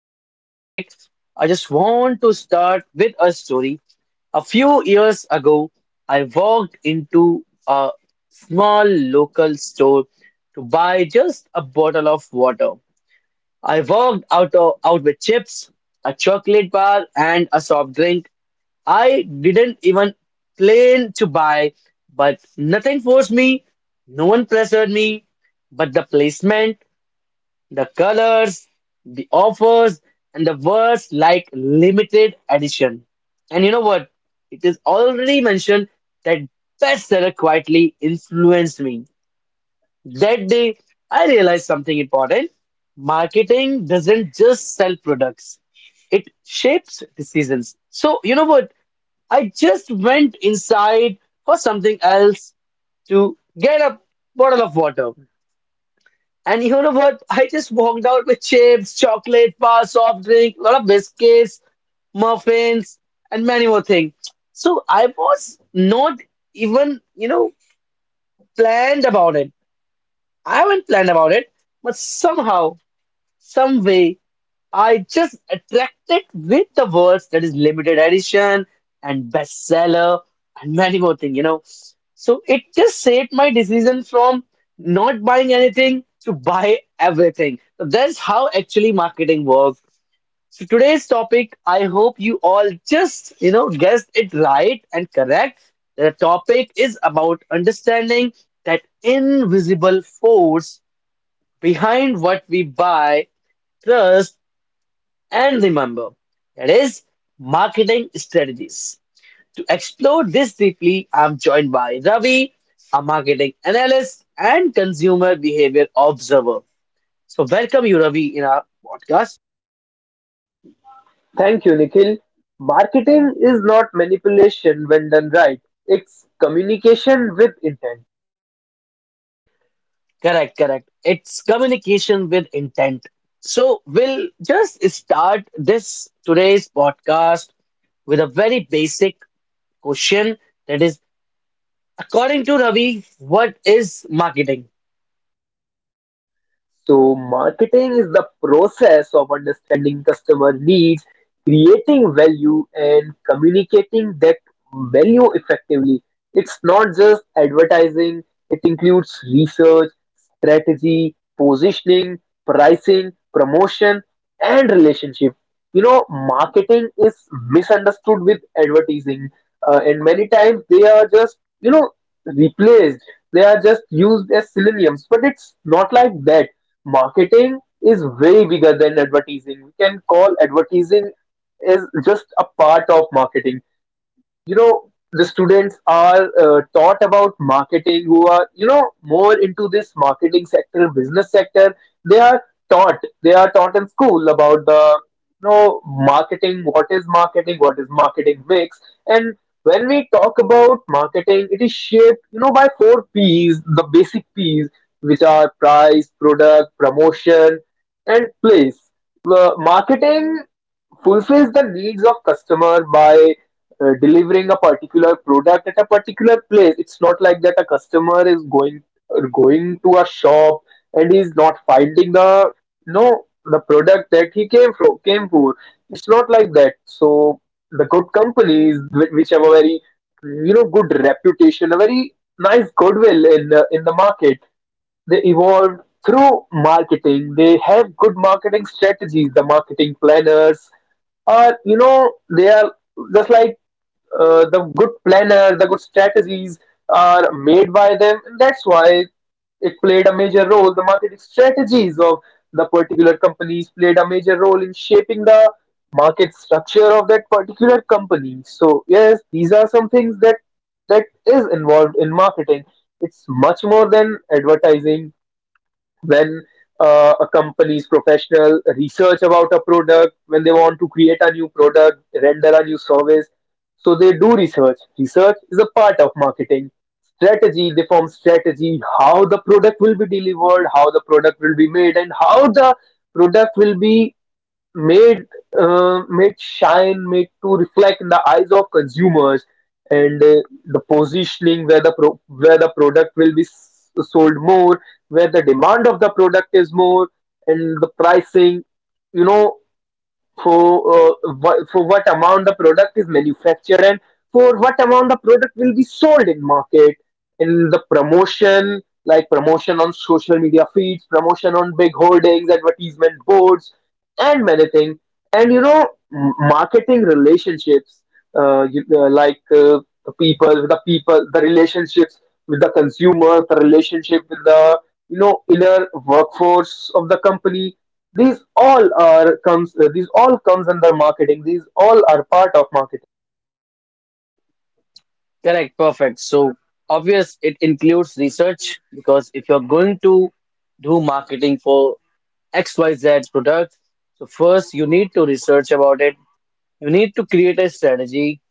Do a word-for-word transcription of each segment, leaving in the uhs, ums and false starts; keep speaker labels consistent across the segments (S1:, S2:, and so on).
S1: today's topic, I just want to start with a story. A few years ago, I walked into a small local store to buy just a bottle of water. I walked out, of, out with chips, a chocolate bar, and a soft drink I didn't even plan to buy, but nothing forced me. No one pressured me, but the placement, the colors, the offers, and the words like limited edition. And you know what? It is already mentioned that bestseller quietly influenced me. That day, I realized something important. Marketing doesn't just sell products, it shapes decisions. So, you know what? I just went inside for something else to get a bottle of water. And you know what? I just walked out with chips, chocolate bar, soft drink, a lot of biscuits, muffins, and many more things. So I was not even, you know, planned about it. I haven't planned about it, but somehow, some way. I just attracted with the words that is limited edition and bestseller and many more things, you know. So it just saved my decision from not buying anything to buy everything. So that's how actually marketing works. So today's topic, I hope you all just, you know, guessed it right and correct. The topic is about understanding that invisible force behind what we buy, trust, and remember, that is marketing strategies. To explore this deeply, I'm joined by Ravi, a marketing analyst and consumer behavior observer. So, welcome you, Ravi, in our podcast.
S2: Thank you, Nikhil. Marketing is not manipulation when done right, it's communication with intent.
S1: Correct, correct. It's communication with intent. So, we'll just start this today's podcast with a very basic question that is, according to Ravi, what is marketing?
S2: So, marketing is the process of understanding customer needs, creating value, and communicating that value effectively. It's not just advertising, it includes research, strategy, positioning, pricing, promotion, and relationship. You know, marketing is misunderstood with advertising, uh, and many times they are just, you know, replaced, they are just used as synonyms, but it's not like that. Marketing is way bigger than advertising. We can call advertising is just a part of marketing. you know the students are uh, taught about marketing, who are you know more into this marketing sector, business sector. They are taught, they are taught in school about the you know marketing, what is marketing, what is marketing mix. And when we talk about marketing, it is shaped, you know by four p's, the basic p's, which are price, product, promotion, and place. Uh, marketing fulfills the needs of customer by uh, delivering a particular product at a particular place. It's not like that a customer is going going to a shop and he's not finding the no the product that he came from came for. It's not like that. So the good companies, whi- which have a very you know good reputation, a very nice goodwill in the, in the market, they evolve through marketing. They have good marketing strategies. The marketing planners are, you know they are just like, uh, the good planner, the good strategies are made by them. That's why it played a major role. The marketing strategies of the particular companies played a major role in shaping the market structure of that particular company. So yes, these are some things that that is involved in marketing. It's much more than advertising when uh, a company's professional research about a product, when they want to create a new product, render a new service. So they do research. Research is a part of marketing. Strategy, they form strategy, how the product will be delivered, how the product will be made, and how the product will be made, uh, made shine, made to reflect in the eyes of consumers, and uh, the positioning, where the pro- where the product will be s- sold more, where the demand of the product is more, and the pricing, you know for uh, what, for what amount the product is manufactured, and for what amount the product will be sold in market. In the promotion, like promotion on social media feeds, promotion on big hoardings, advertisement boards, and many things. And you know m- marketing relationships, uh, you, uh, like uh, the people with the people, the relationships with the consumer, the relationship with the you know inner workforce of the company. These all are comes uh, these all comes under marketing, these all are part of marketing.
S1: Correct, perfect. So obvious it includes research because if you're going to do marketing for X Y Z product, so first you need to research about it. You need to create a strategy.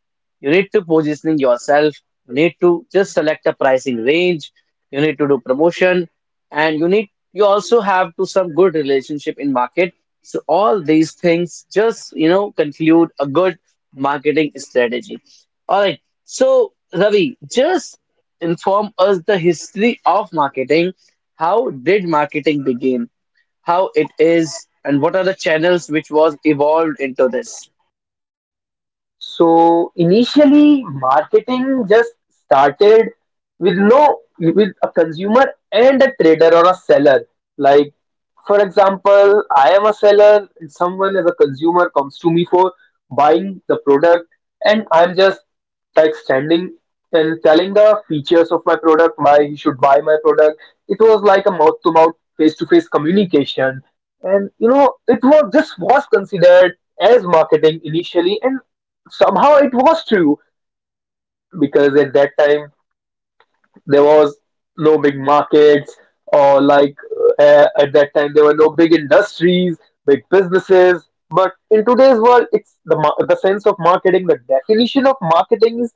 S1: You need to positioning yourself. You need to just select a pricing range. You need to do promotion, and you need you also have to some good relationship in market. So all these things just you know conclude a good marketing strategy. All right. So Ravi, just inform us the history of marketing. How did marketing begin? How it is, and what are the channels which was evolved into this?
S2: So initially, marketing just started with no with a consumer and a trader or a seller. Like, for example, I am a seller and someone as a consumer comes to me for buying the product, and I'm just like standing and telling the features of my product, why you should buy my product. It was like a mouth to mouth, face to face communication. And you know, it was this was considered as marketing initially, and Somehow it was true, because at that time there was no big markets, or like, uh, at that time there were no big industries, big businesses. But in today's world, it's the mar- the sense of marketing, the definition of marketing is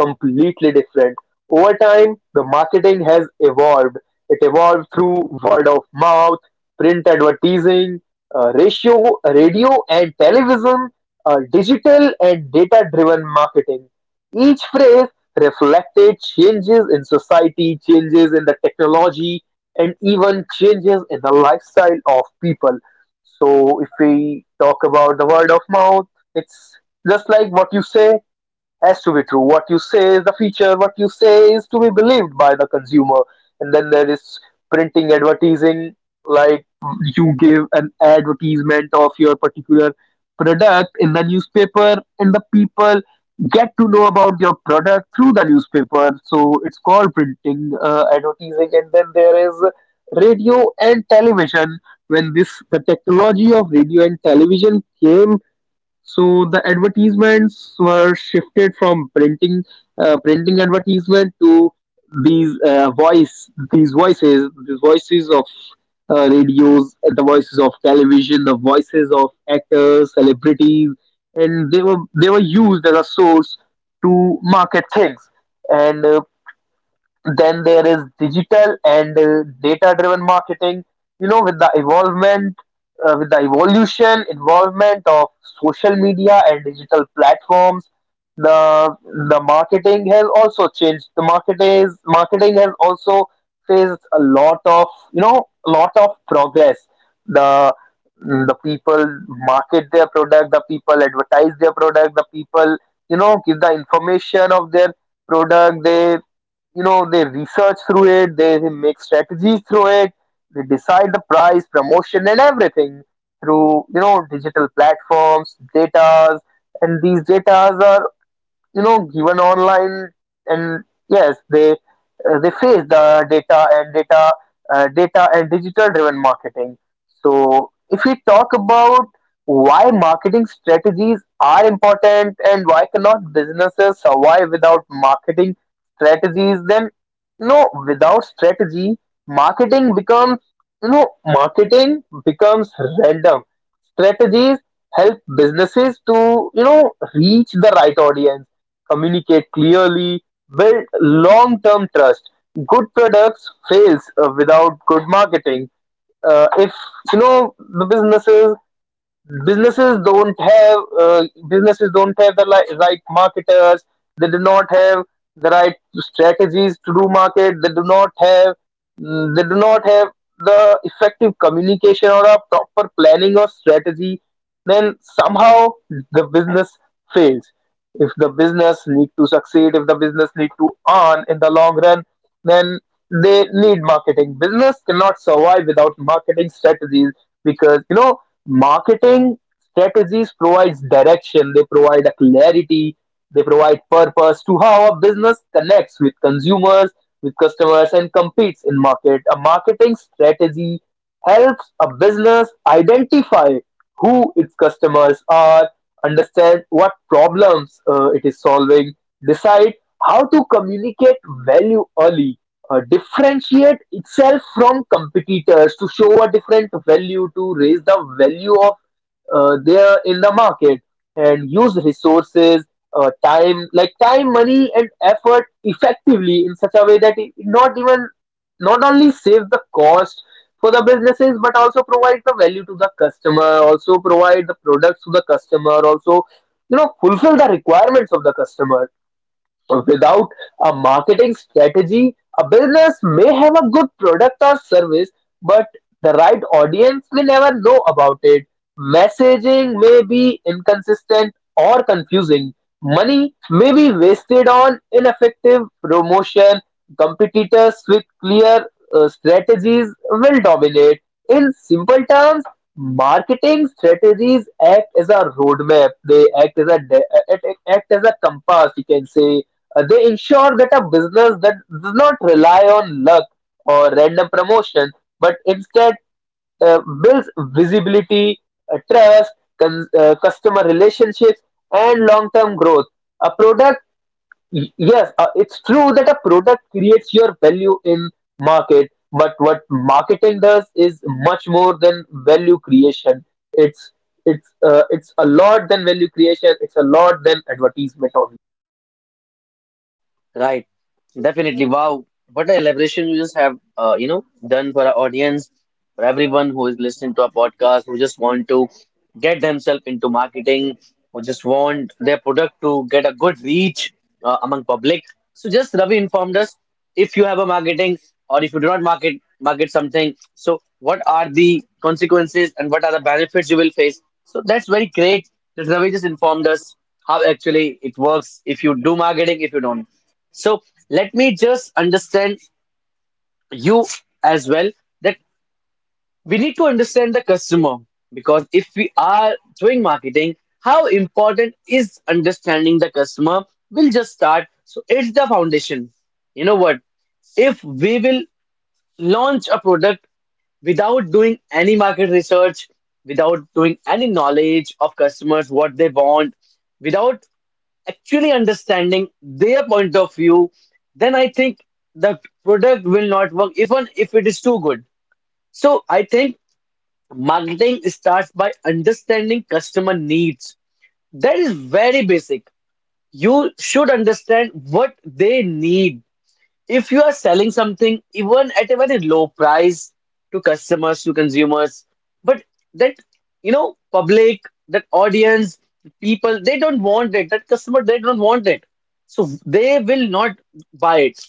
S2: completely different. Over time, the marketing has evolved, it evolved through word of mouth, print advertising, uh, ratio radio and television, uh, digital and data driven marketing. Each phrase reflected changes in society, changes in the technology, and even changes in the lifestyle of people. So, if we talk about the word of mouth, it's just like what you say has to be true. What you say is the feature, what you say is to be believed by the consumer. And then there is printing advertising, like you give an advertisement of your particular product in the newspaper, and the people get to know about your product through the newspaper. So it's called printing uh, advertising. And then there is radio and television. When this the technology of radio and television came, so the advertisements were shifted from printing, uh, printing advertisement to these uh, voice, these voices, these voices of uh, radios, the voices of television, the voices of actors, celebrities, and they were they were used as a source to market things. And uh, then there is digital and uh, data-driven marketing. You know, with the evolvement, uh, with the evolution, involvement of social media and digital platforms, the the marketing has also changed. The market is marketing has also faced a lot of, you know a lot of progress. The the people market their product, the people advertise their product, the people you know give the information of their product. They you know they research through it, they make strategies through it, they decide the price, promotion, and everything through, you know digital platforms, datas, and these datas are, you know given online. And yes, they uh, they face the data and data uh, data and digital driven marketing. So if we talk about why marketing strategies are important and why cannot businesses survive without marketing strategies, then no, without strategy, marketing becomes, you know marketing becomes random. Strategies help businesses to, you know reach the right audience, communicate clearly, build long-term trust. Good products fails uh, without good marketing. Uh, if you know the businesses businesses don't have, uh, businesses don't have the li- right marketers, they do not have the right strategies to do market, they do not have, mm, they do not have the effective communication or a proper planning or strategy. Then somehow, the business fails. If the business need to succeed, if the business need to earn in the long run, then they need marketing. Business cannot survive without marketing strategies, because, you know Marketing strategies provides direction, they provide a clarity, they provide purpose to how a business connects with consumers, with customers, and competes in market. A marketing strategy helps a business identify who its customers are, understand what problems uh, it is solving, decide how to communicate value early, uh, differentiate itself from competitors to show a different value, to raise the value of uh, their in the market, and use resources, uh, time like time, money, and effort effectively in such a way that it not even not only saves the cost for the businesses, but also provides the value to the customer, also provide the products to the customer, also, you know fulfill the requirements of the customer. Without a marketing strategy, a business may have a good product or service, but the right audience may never know about it. Messaging may be inconsistent or confusing. Money may be wasted on ineffective promotion. Competitors with clear uh, strategies will dominate. In simple terms, marketing strategies act as a roadmap. They act as a de- uh, act act as a compass. You can say, uh, they ensure that a business that does not rely on luck or random promotion, but instead uh, builds visibility, uh, trust, con- uh, customer relationships, and long-term growth. A product, y- yes, uh, it's true that a product creates your value in market, but what marketing does is much more than value creation. It's it's uh, it's a lot than value creation. It's a lot than advertisement only.
S1: Right, definitely. Wow, what a elaboration you just have, uh, you know, done for our audience, for everyone who is listening to our podcast, who just want to get themselves into marketing, who just want their product to get a good reach uh, among public. So just Ravi informed us if you have a marketing or if you do not market market something. So what are the consequences and what are the benefits you will face? So that's very great that Ravi just informed us how actually it works if you do marketing, if you don't. So let me just understand you as well that we need to understand the customer because if we are doing marketing, how important is understanding the customer? We'll just start. So it's the foundation. You know what? If we will launch a product without doing any market research, without doing any knowledge of customers, what they want, without actually understanding their point of view, then I think the product will not work, even if it is too good. So I think marketing starts by understanding customer needs. That is very basic. You should understand what they need. If you are selling something, even at a very low price to customers, to consumers, but that, you know, public, that audience, people, they don't want it. That customer, they don't want it. So they will not buy it.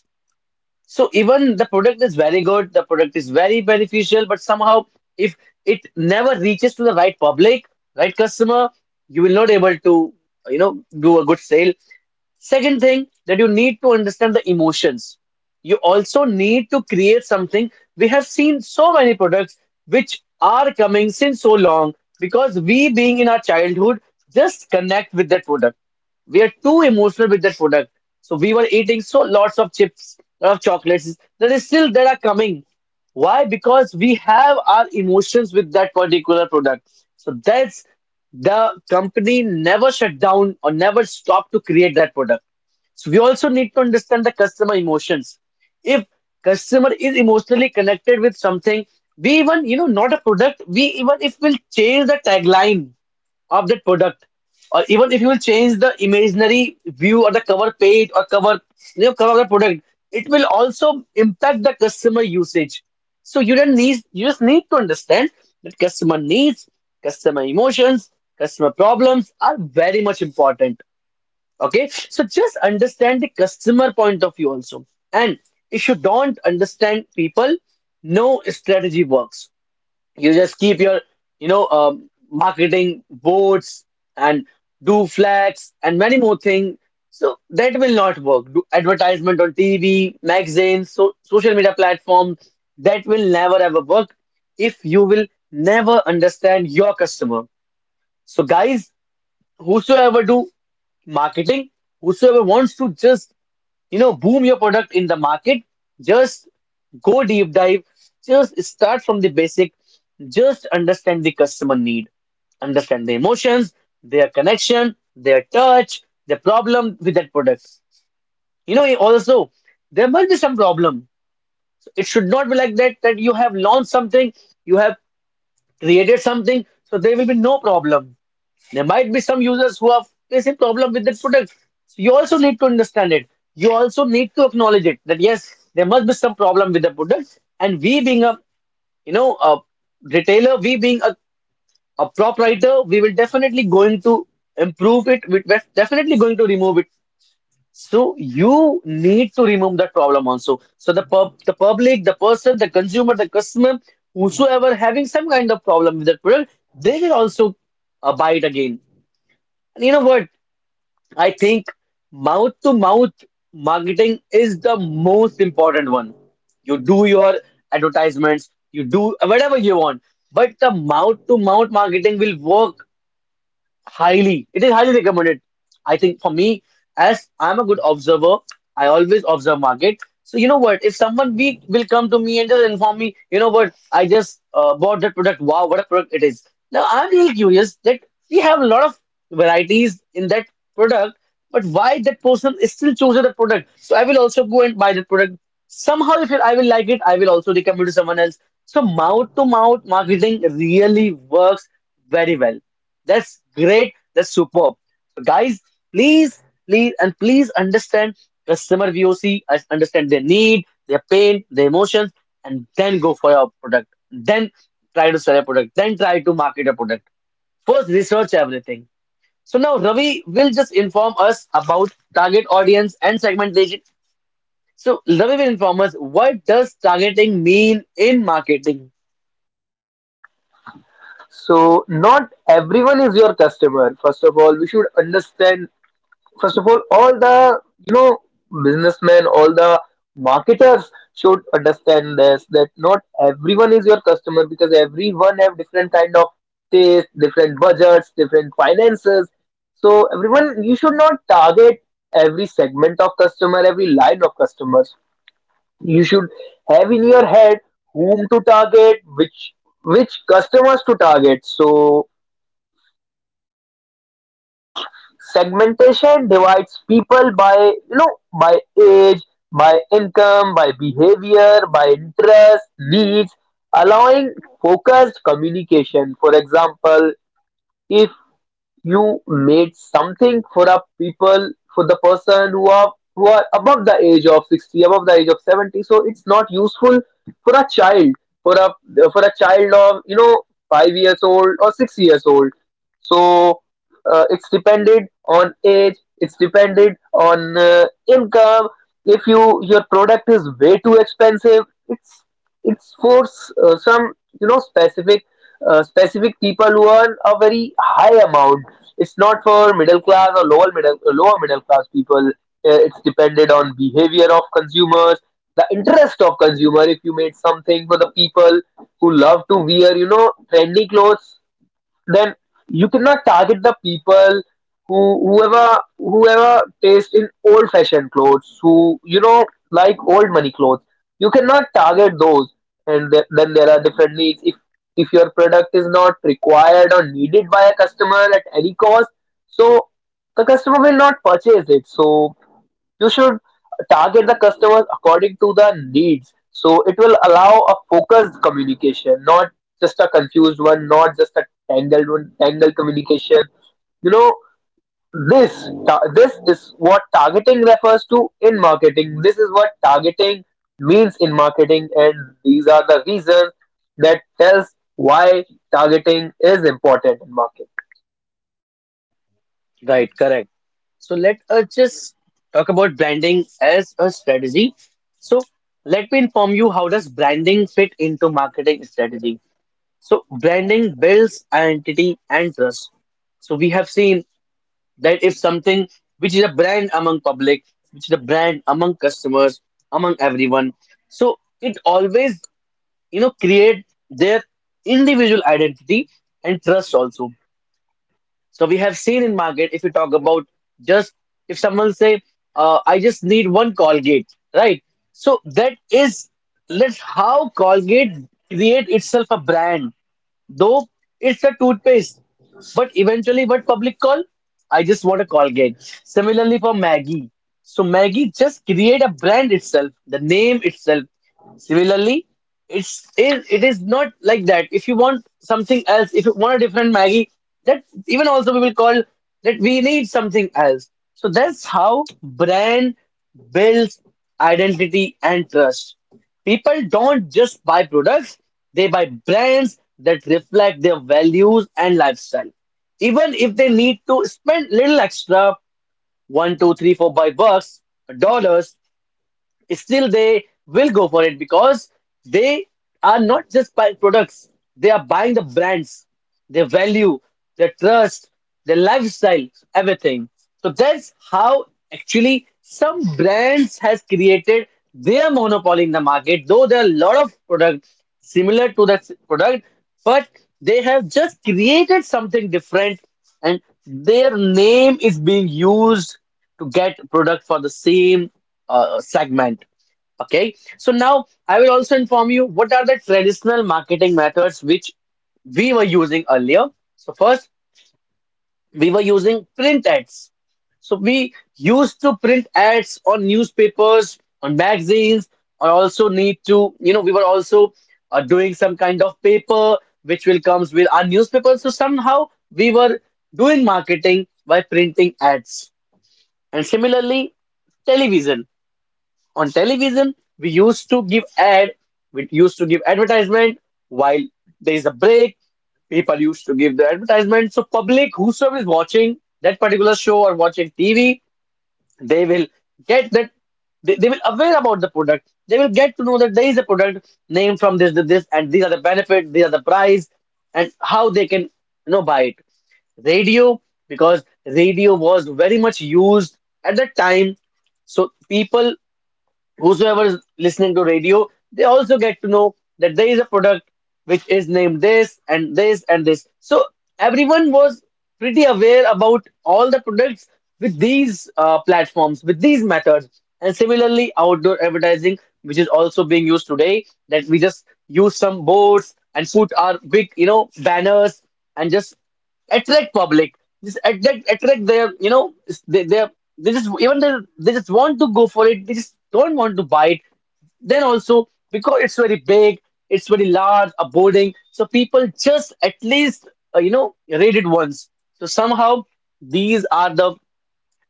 S1: So even the product is very good, the product is very beneficial, but somehow if it never reaches to the right public, right customer, you will not able to, you know, do a good sale. Second thing that you need to understand the emotions. You also need to create something. We have seen so many products which are coming since so long because we being in our childhood just connect with that product we are too emotional with that product. So we were eating so lots of chips, lot of chocolates that is still that are coming. Why? Because we have our emotions with that particular product. So that's the company never shut down or never stopped to create that product. So we also need to understand the customer emotions. If customer is emotionally connected with something, we even, you know, not a product, we even if we'll change the tagline of that product or even if you will change the imaginary view or the cover page or cover you know cover of the product, it will also impact the customer usage. So you don't need you just need to understand that customer needs, customer emotions, customer problems are very much important. Okay, so just understand the customer point of view also. And if you don't understand people, no strategy works. You just keep your you know um, marketing boards and do flats and many more things. So that will not work. Do advertisement on TV, magazines, so social media platforms, that will never ever work if you will never understand your customer. So guys, whosoever do marketing, whosoever wants to just you know boom your product in the market, just go deep dive, just start from the basic. Just understand the customer need, understand the emotions, their connection, their touch, the problem with that product. You know also, there must be some problem. So it should not be like that that you have launched something, you have created something, so there will be no problem. There might be some users who are facing problem with that product. So you also need to understand it. You also need to acknowledge it that yes, there must be some problem with the product. And we being a you know a retailer, we being a, a proprietor, we will definitely going to improve it. We- We're definitely going to remove it. So you need to remove that problem also. So the pub, the public, the person, the consumer, the customer, whosoever having some kind of problem with that product, they will also uh, buy it again. And you know what? I think mouth to mouth marketing is the most important one. You do your advertisements, you do whatever you want, but the mouth to mouth marketing will work. Highly, it is highly recommended. I think for me, as I'm a good observer, I always observe market. So you know what? If someone we will come to me and just inform me, you know what? I just uh, bought that product. Wow, what a product it is! Now I'm really curious that we have a lot of varieties in that product, but why that person is still choosing the product? So I will also go and buy that product. Somehow, if I will like it, I will also recommend to someone else. So mouth to mouth marketing really works very well. That's great. That's superb. So guys, please, please, and please understand customer V O C, as- understand their need, their pain, their emotions, and then go for your product. Then try to sell a product. Then try to market a product. First, research everything. So now Ravi will just inform us about target audience and segmentation. So Ravi will inform us what does targeting mean in marketing?
S2: So not everyone is your customer. First of all, we should understand. First of all, all the, you know businessmen, all the marketers should understand this, that not everyone is your customer, because everyone have different kind of taste, different budgets, different finances. So everyone, you should not target every segment of customer, every line of customers. You should have in your head whom to target, which which customers to target. So segmentation divides people by, you know by age, by income, by behavior, by interest, needs, allowing focused communication. For example, if you made something for a people, for the person who are who are above the age of sixty, above the age of seventy, so it's not useful for a child, for a for a child of, you know five years old or six years old. So uh, it's depended on age, it's depended on uh, income. If you your product is way too expensive, it's it's for s- uh, some, you know specific, uh, specific people who earn a very high amount. It's not for middle class or lower middle lower middle class people. Uh, It's depended on behavior of consumers, the interest of consumer. If you made something for the people who love to wear, you know, trendy clothes, then you cannot target the people who whoever whoever taste in old fashioned clothes, who you know like old money clothes. You cannot target those. And th- then there are different needs. if if your product is not required or needed by a customer at any cost, so the customer will not purchase it. So you should target the customers according to the needs, so it will allow a focused communication, not just a confused one, not just a tangled one tangled communication, you know this ta- this is what targeting refers to in marketing. This is what targeting means in marketing, and these are the reasons that tells why targeting is important in marketing.
S1: Right, correct. So let us just talk about branding as a strategy. So let me inform you how does branding fit into marketing strategy. So branding builds identity and trust. So we have seen that if something which is a brand among public, which is a brand among customers, among everyone, so it always you know create their individual identity and trust also. So we have seen in market if you talk about just if someone say uh, I just need one Colgate, right? So that is let's how Colgate create itself a brand. Though it's a toothpaste, but eventually, what public call? I just want a Colgate. Similarly for Maggie. So Maggie just create a brand itself, the name itself. Similarly, it's it, it is not like that. If you want something else, if you want a different Maggie, that even also we will call that we need something else. So that's how brand builds identity and trust. People don't just buy products, they buy brands that reflect their values and lifestyle. Even if they need to spend little extra, one, two, three, four, five bucks, dollars, still they will go for it because they are not just buying products, they are buying the brands, their value, their trust, their lifestyle, everything. So that's how actually some brands has created their monopoly in the market, though there are a lot of products similar to that s- product, but they have just created something different and their name is being used to get product for the same uh, segment. Okay, so now I will also inform you what are the traditional marketing methods which we were using earlier. So first, we were using print ads. So we used to print ads on newspapers, on magazines, or also need to, you know, we were also uh, doing some kind of paper which will comes with our newspapers. So somehow we were doing marketing by printing ads. And similarly, television. On television, we used to give ad, we used to give advertisement while there is a break. People used to give the advertisement. So public, whosoever is watching that particular show or watching T V, they will get that they, they will aware about the product. They will get to know that there is a product named from this to this, and these are the benefits, these are the price, and how they can, you know, buy it. Radio, because radio was very much used at that time. So people, whosoever is listening to radio, they also get to know that there is a product which is named this and this and this. So everyone was pretty aware about all the products with these uh, platforms, with these methods. And similarly, outdoor advertising, which is also being used today, that we just use some boards and put our big, you know, banners and just attract public, just attract attract their, you know, they they they just, even they, they just want to go for it, they just don't want to buy it then also because it's very big, it's very large a boarding. So people just at least uh, you know, rate it once. So somehow these are the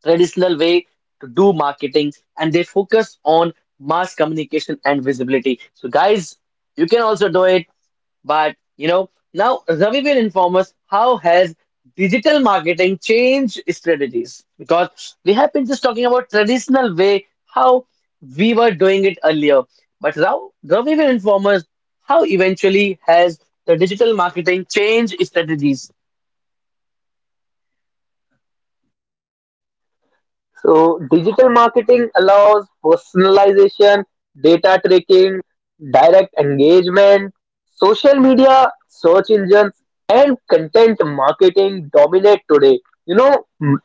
S1: traditional way to do marketing, and they focus on mass communication and visibility. So, guys, you can also do it, but you know, now Ravi will inform us how has digital marketing changed strategies, because we have been just talking about traditional way how we were doing it earlier, but now Ravi will inform us how eventually has the digital marketing changed strategies.
S2: So digital marketing allows personalization, data tracking, direct engagement, social media, search engines, and content marketing dominate today. You know, m-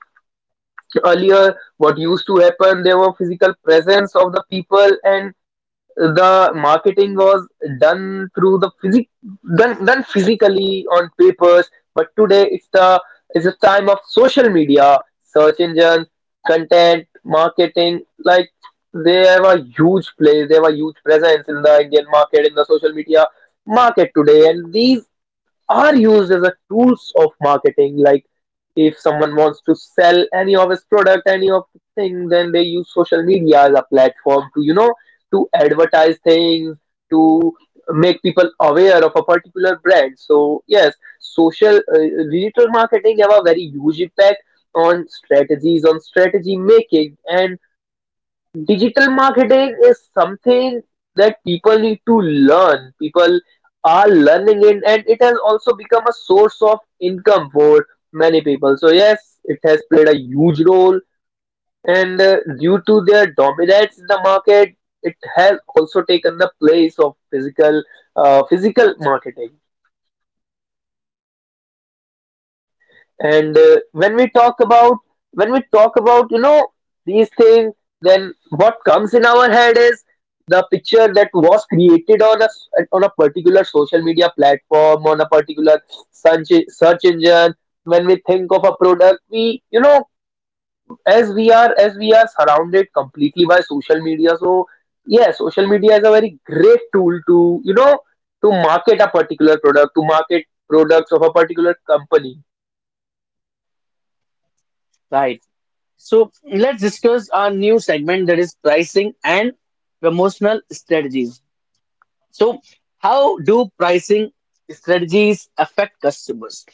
S2: Earlier what used to happen, there were physical presence of the people, and the marketing was done through the physic done done physically on papers. But today it's the it's the time of social media, search engines, content marketing. Like, they have a huge place, they have a huge presence in the Indian market, in the social media market today, and these are used as a tools of marketing. Like, if someone wants to sell any of his product, any of the thing, then they use social media as a platform to, you know to advertise things, to make people aware of a particular brand. So yes, social uh, digital marketing have a very huge impact on strategies, on strategy making. And digital marketing is something that people need to learn. People are learning it, and it has also become a source of income for many people. So yes, it has played a huge role. And uh, due to their dominance in the market, it has also taken the place of physical uh, physical marketing. And uh, when we talk about when we talk about you know these things, then what comes in our head is the picture that was created on a on a particular social media platform, on a particular search search engine. When we think of a product, we, you know as we are as we are surrounded completely by social media. So yeah, social media is a very great tool to, you know to market a particular product, to market products of a particular company.
S1: Right. So let's discuss our new segment, that is pricing and promotional strategies. So how do pricing strategies affect customers?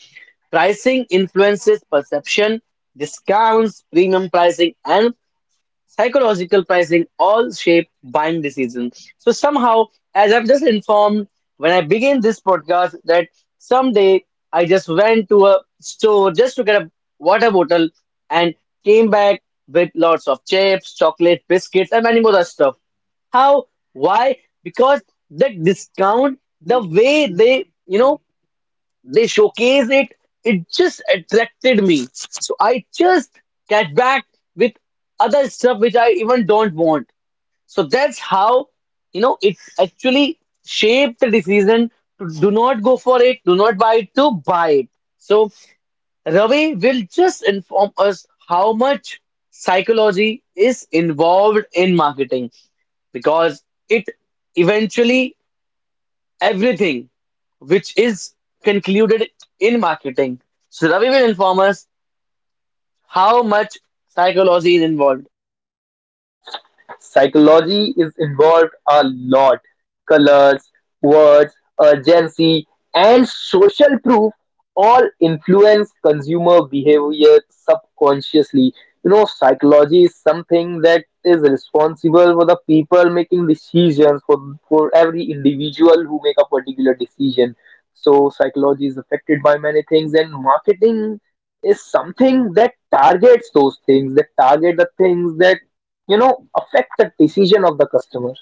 S1: Pricing influences perception, discounts, premium pricing, and psychological pricing all shape buying decisions. So somehow, as I've just informed when I began this podcast, that someday I just went to a store just to get a water bottle and came back with lots of chips, chocolate, biscuits, and many more other stuff. How? Why? Because the discount, the way they, you know, they showcase it, it just attracted me, so I just get back with other stuff which I even don't want. So that's how, you know, it actually shaped the decision to do not go for it, do not buy it, to buy it. So Ravi will just inform us how much psychology is involved in marketing, because it eventually everything which is concluded in marketing. So Ravi will inform us how much psychology is involved.
S2: Psychology is involved a lot. Colors, words, urgency, and social proof all influence consumer behavior subconsciously. You know, psychology is something that is responsible for the people making decisions, for, for every individual who make a particular decision. So psychology is affected by many things, and marketing is something that targets those things, that target the things that, you know affect the decision of the customer.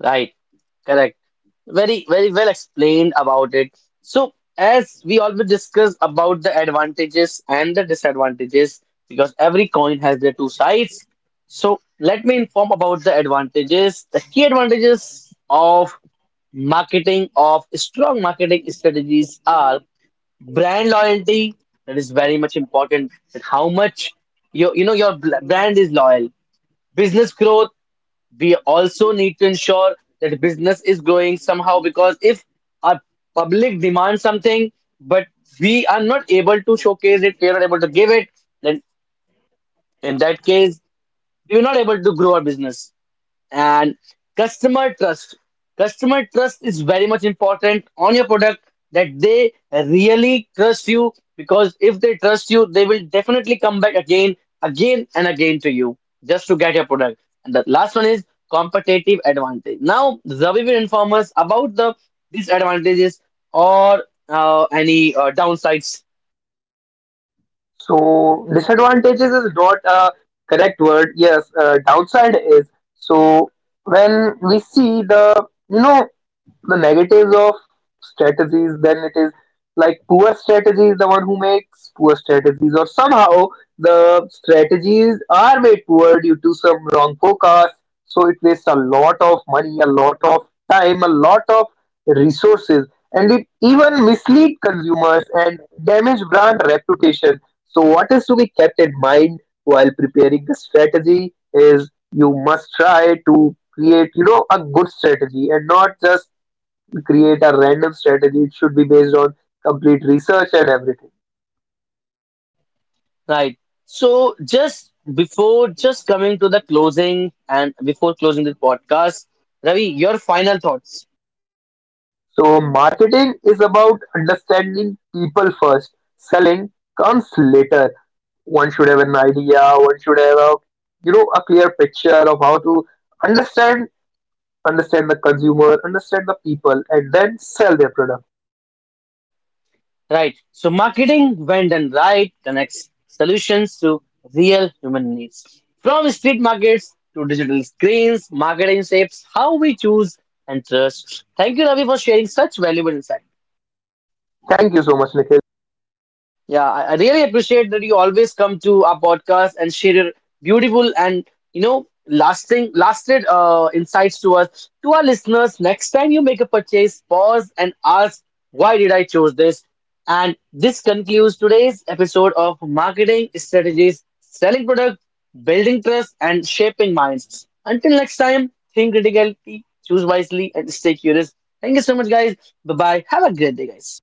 S1: Right, correct. Very, very well explained about it. So as we always discuss about the advantages and the disadvantages, because every coin has their two sides. So let me inform about the advantages. The key advantages of marketing, of strong marketing strategies, are brand loyalty. That is very much important, that how much your, you know, your bl- brand is loyal. Business growth, we also need to ensure that business is growing somehow, because if our public demands something but we are not able to showcase it, we are not able to give it, then in that case we are not able to grow our business. And customer trust, customer trust is very much important on your product, that they really trust you, because if they trust you they will definitely come back again, again and again to you, just to get your product. And the last one is competitive advantage. Now Zavi will inform us about the disadvantages or uh, any uh, downsides.
S2: So disadvantages is not a correct word. Yes, uh, downside is. So when we see the, you know the negatives of strategies, then it is like poor strategies. The one who makes poor strategies, or somehow the strategies are made poor due to some wrong focus, so it wastes a lot of money, a lot of time, a lot of resources, and it even mislead consumers and damage brand reputation. So what is to be kept in mind while preparing the strategy is you must try to create, you know a good strategy, and not just create a random strategy. It should be based on complete research and everything.
S1: Right. So just before, just coming to the closing and before closing the podcast, Ravi, your final thoughts.
S2: So, marketing is about understanding people first. Selling comes later. One should have an idea. One should have a, you know a clear picture of how to understand understand the consumer, understand the people, and then sell their product.
S1: Right. So marketing, when done right, connects solutions to real human needs. From street markets to digital screens, marketing shapes how we choose and trust. Thank you, Ravi, for sharing such valuable insights.
S2: Thank you so much, Nikhil.
S1: Yeah, I I really appreciate that you always come to our podcast and share your beautiful and, you know, lasting lasted uh, insights to us, to our listeners. Next time you make a purchase, pause and ask, why did I choose this? And this concludes today's episode of Marketing Strategies, Selling Products, Building Trust, and Shaping Minds. Until next time, think critically, choose wisely, and stay curious. Thank you so much, guys. Bye bye. Have a great day, guys.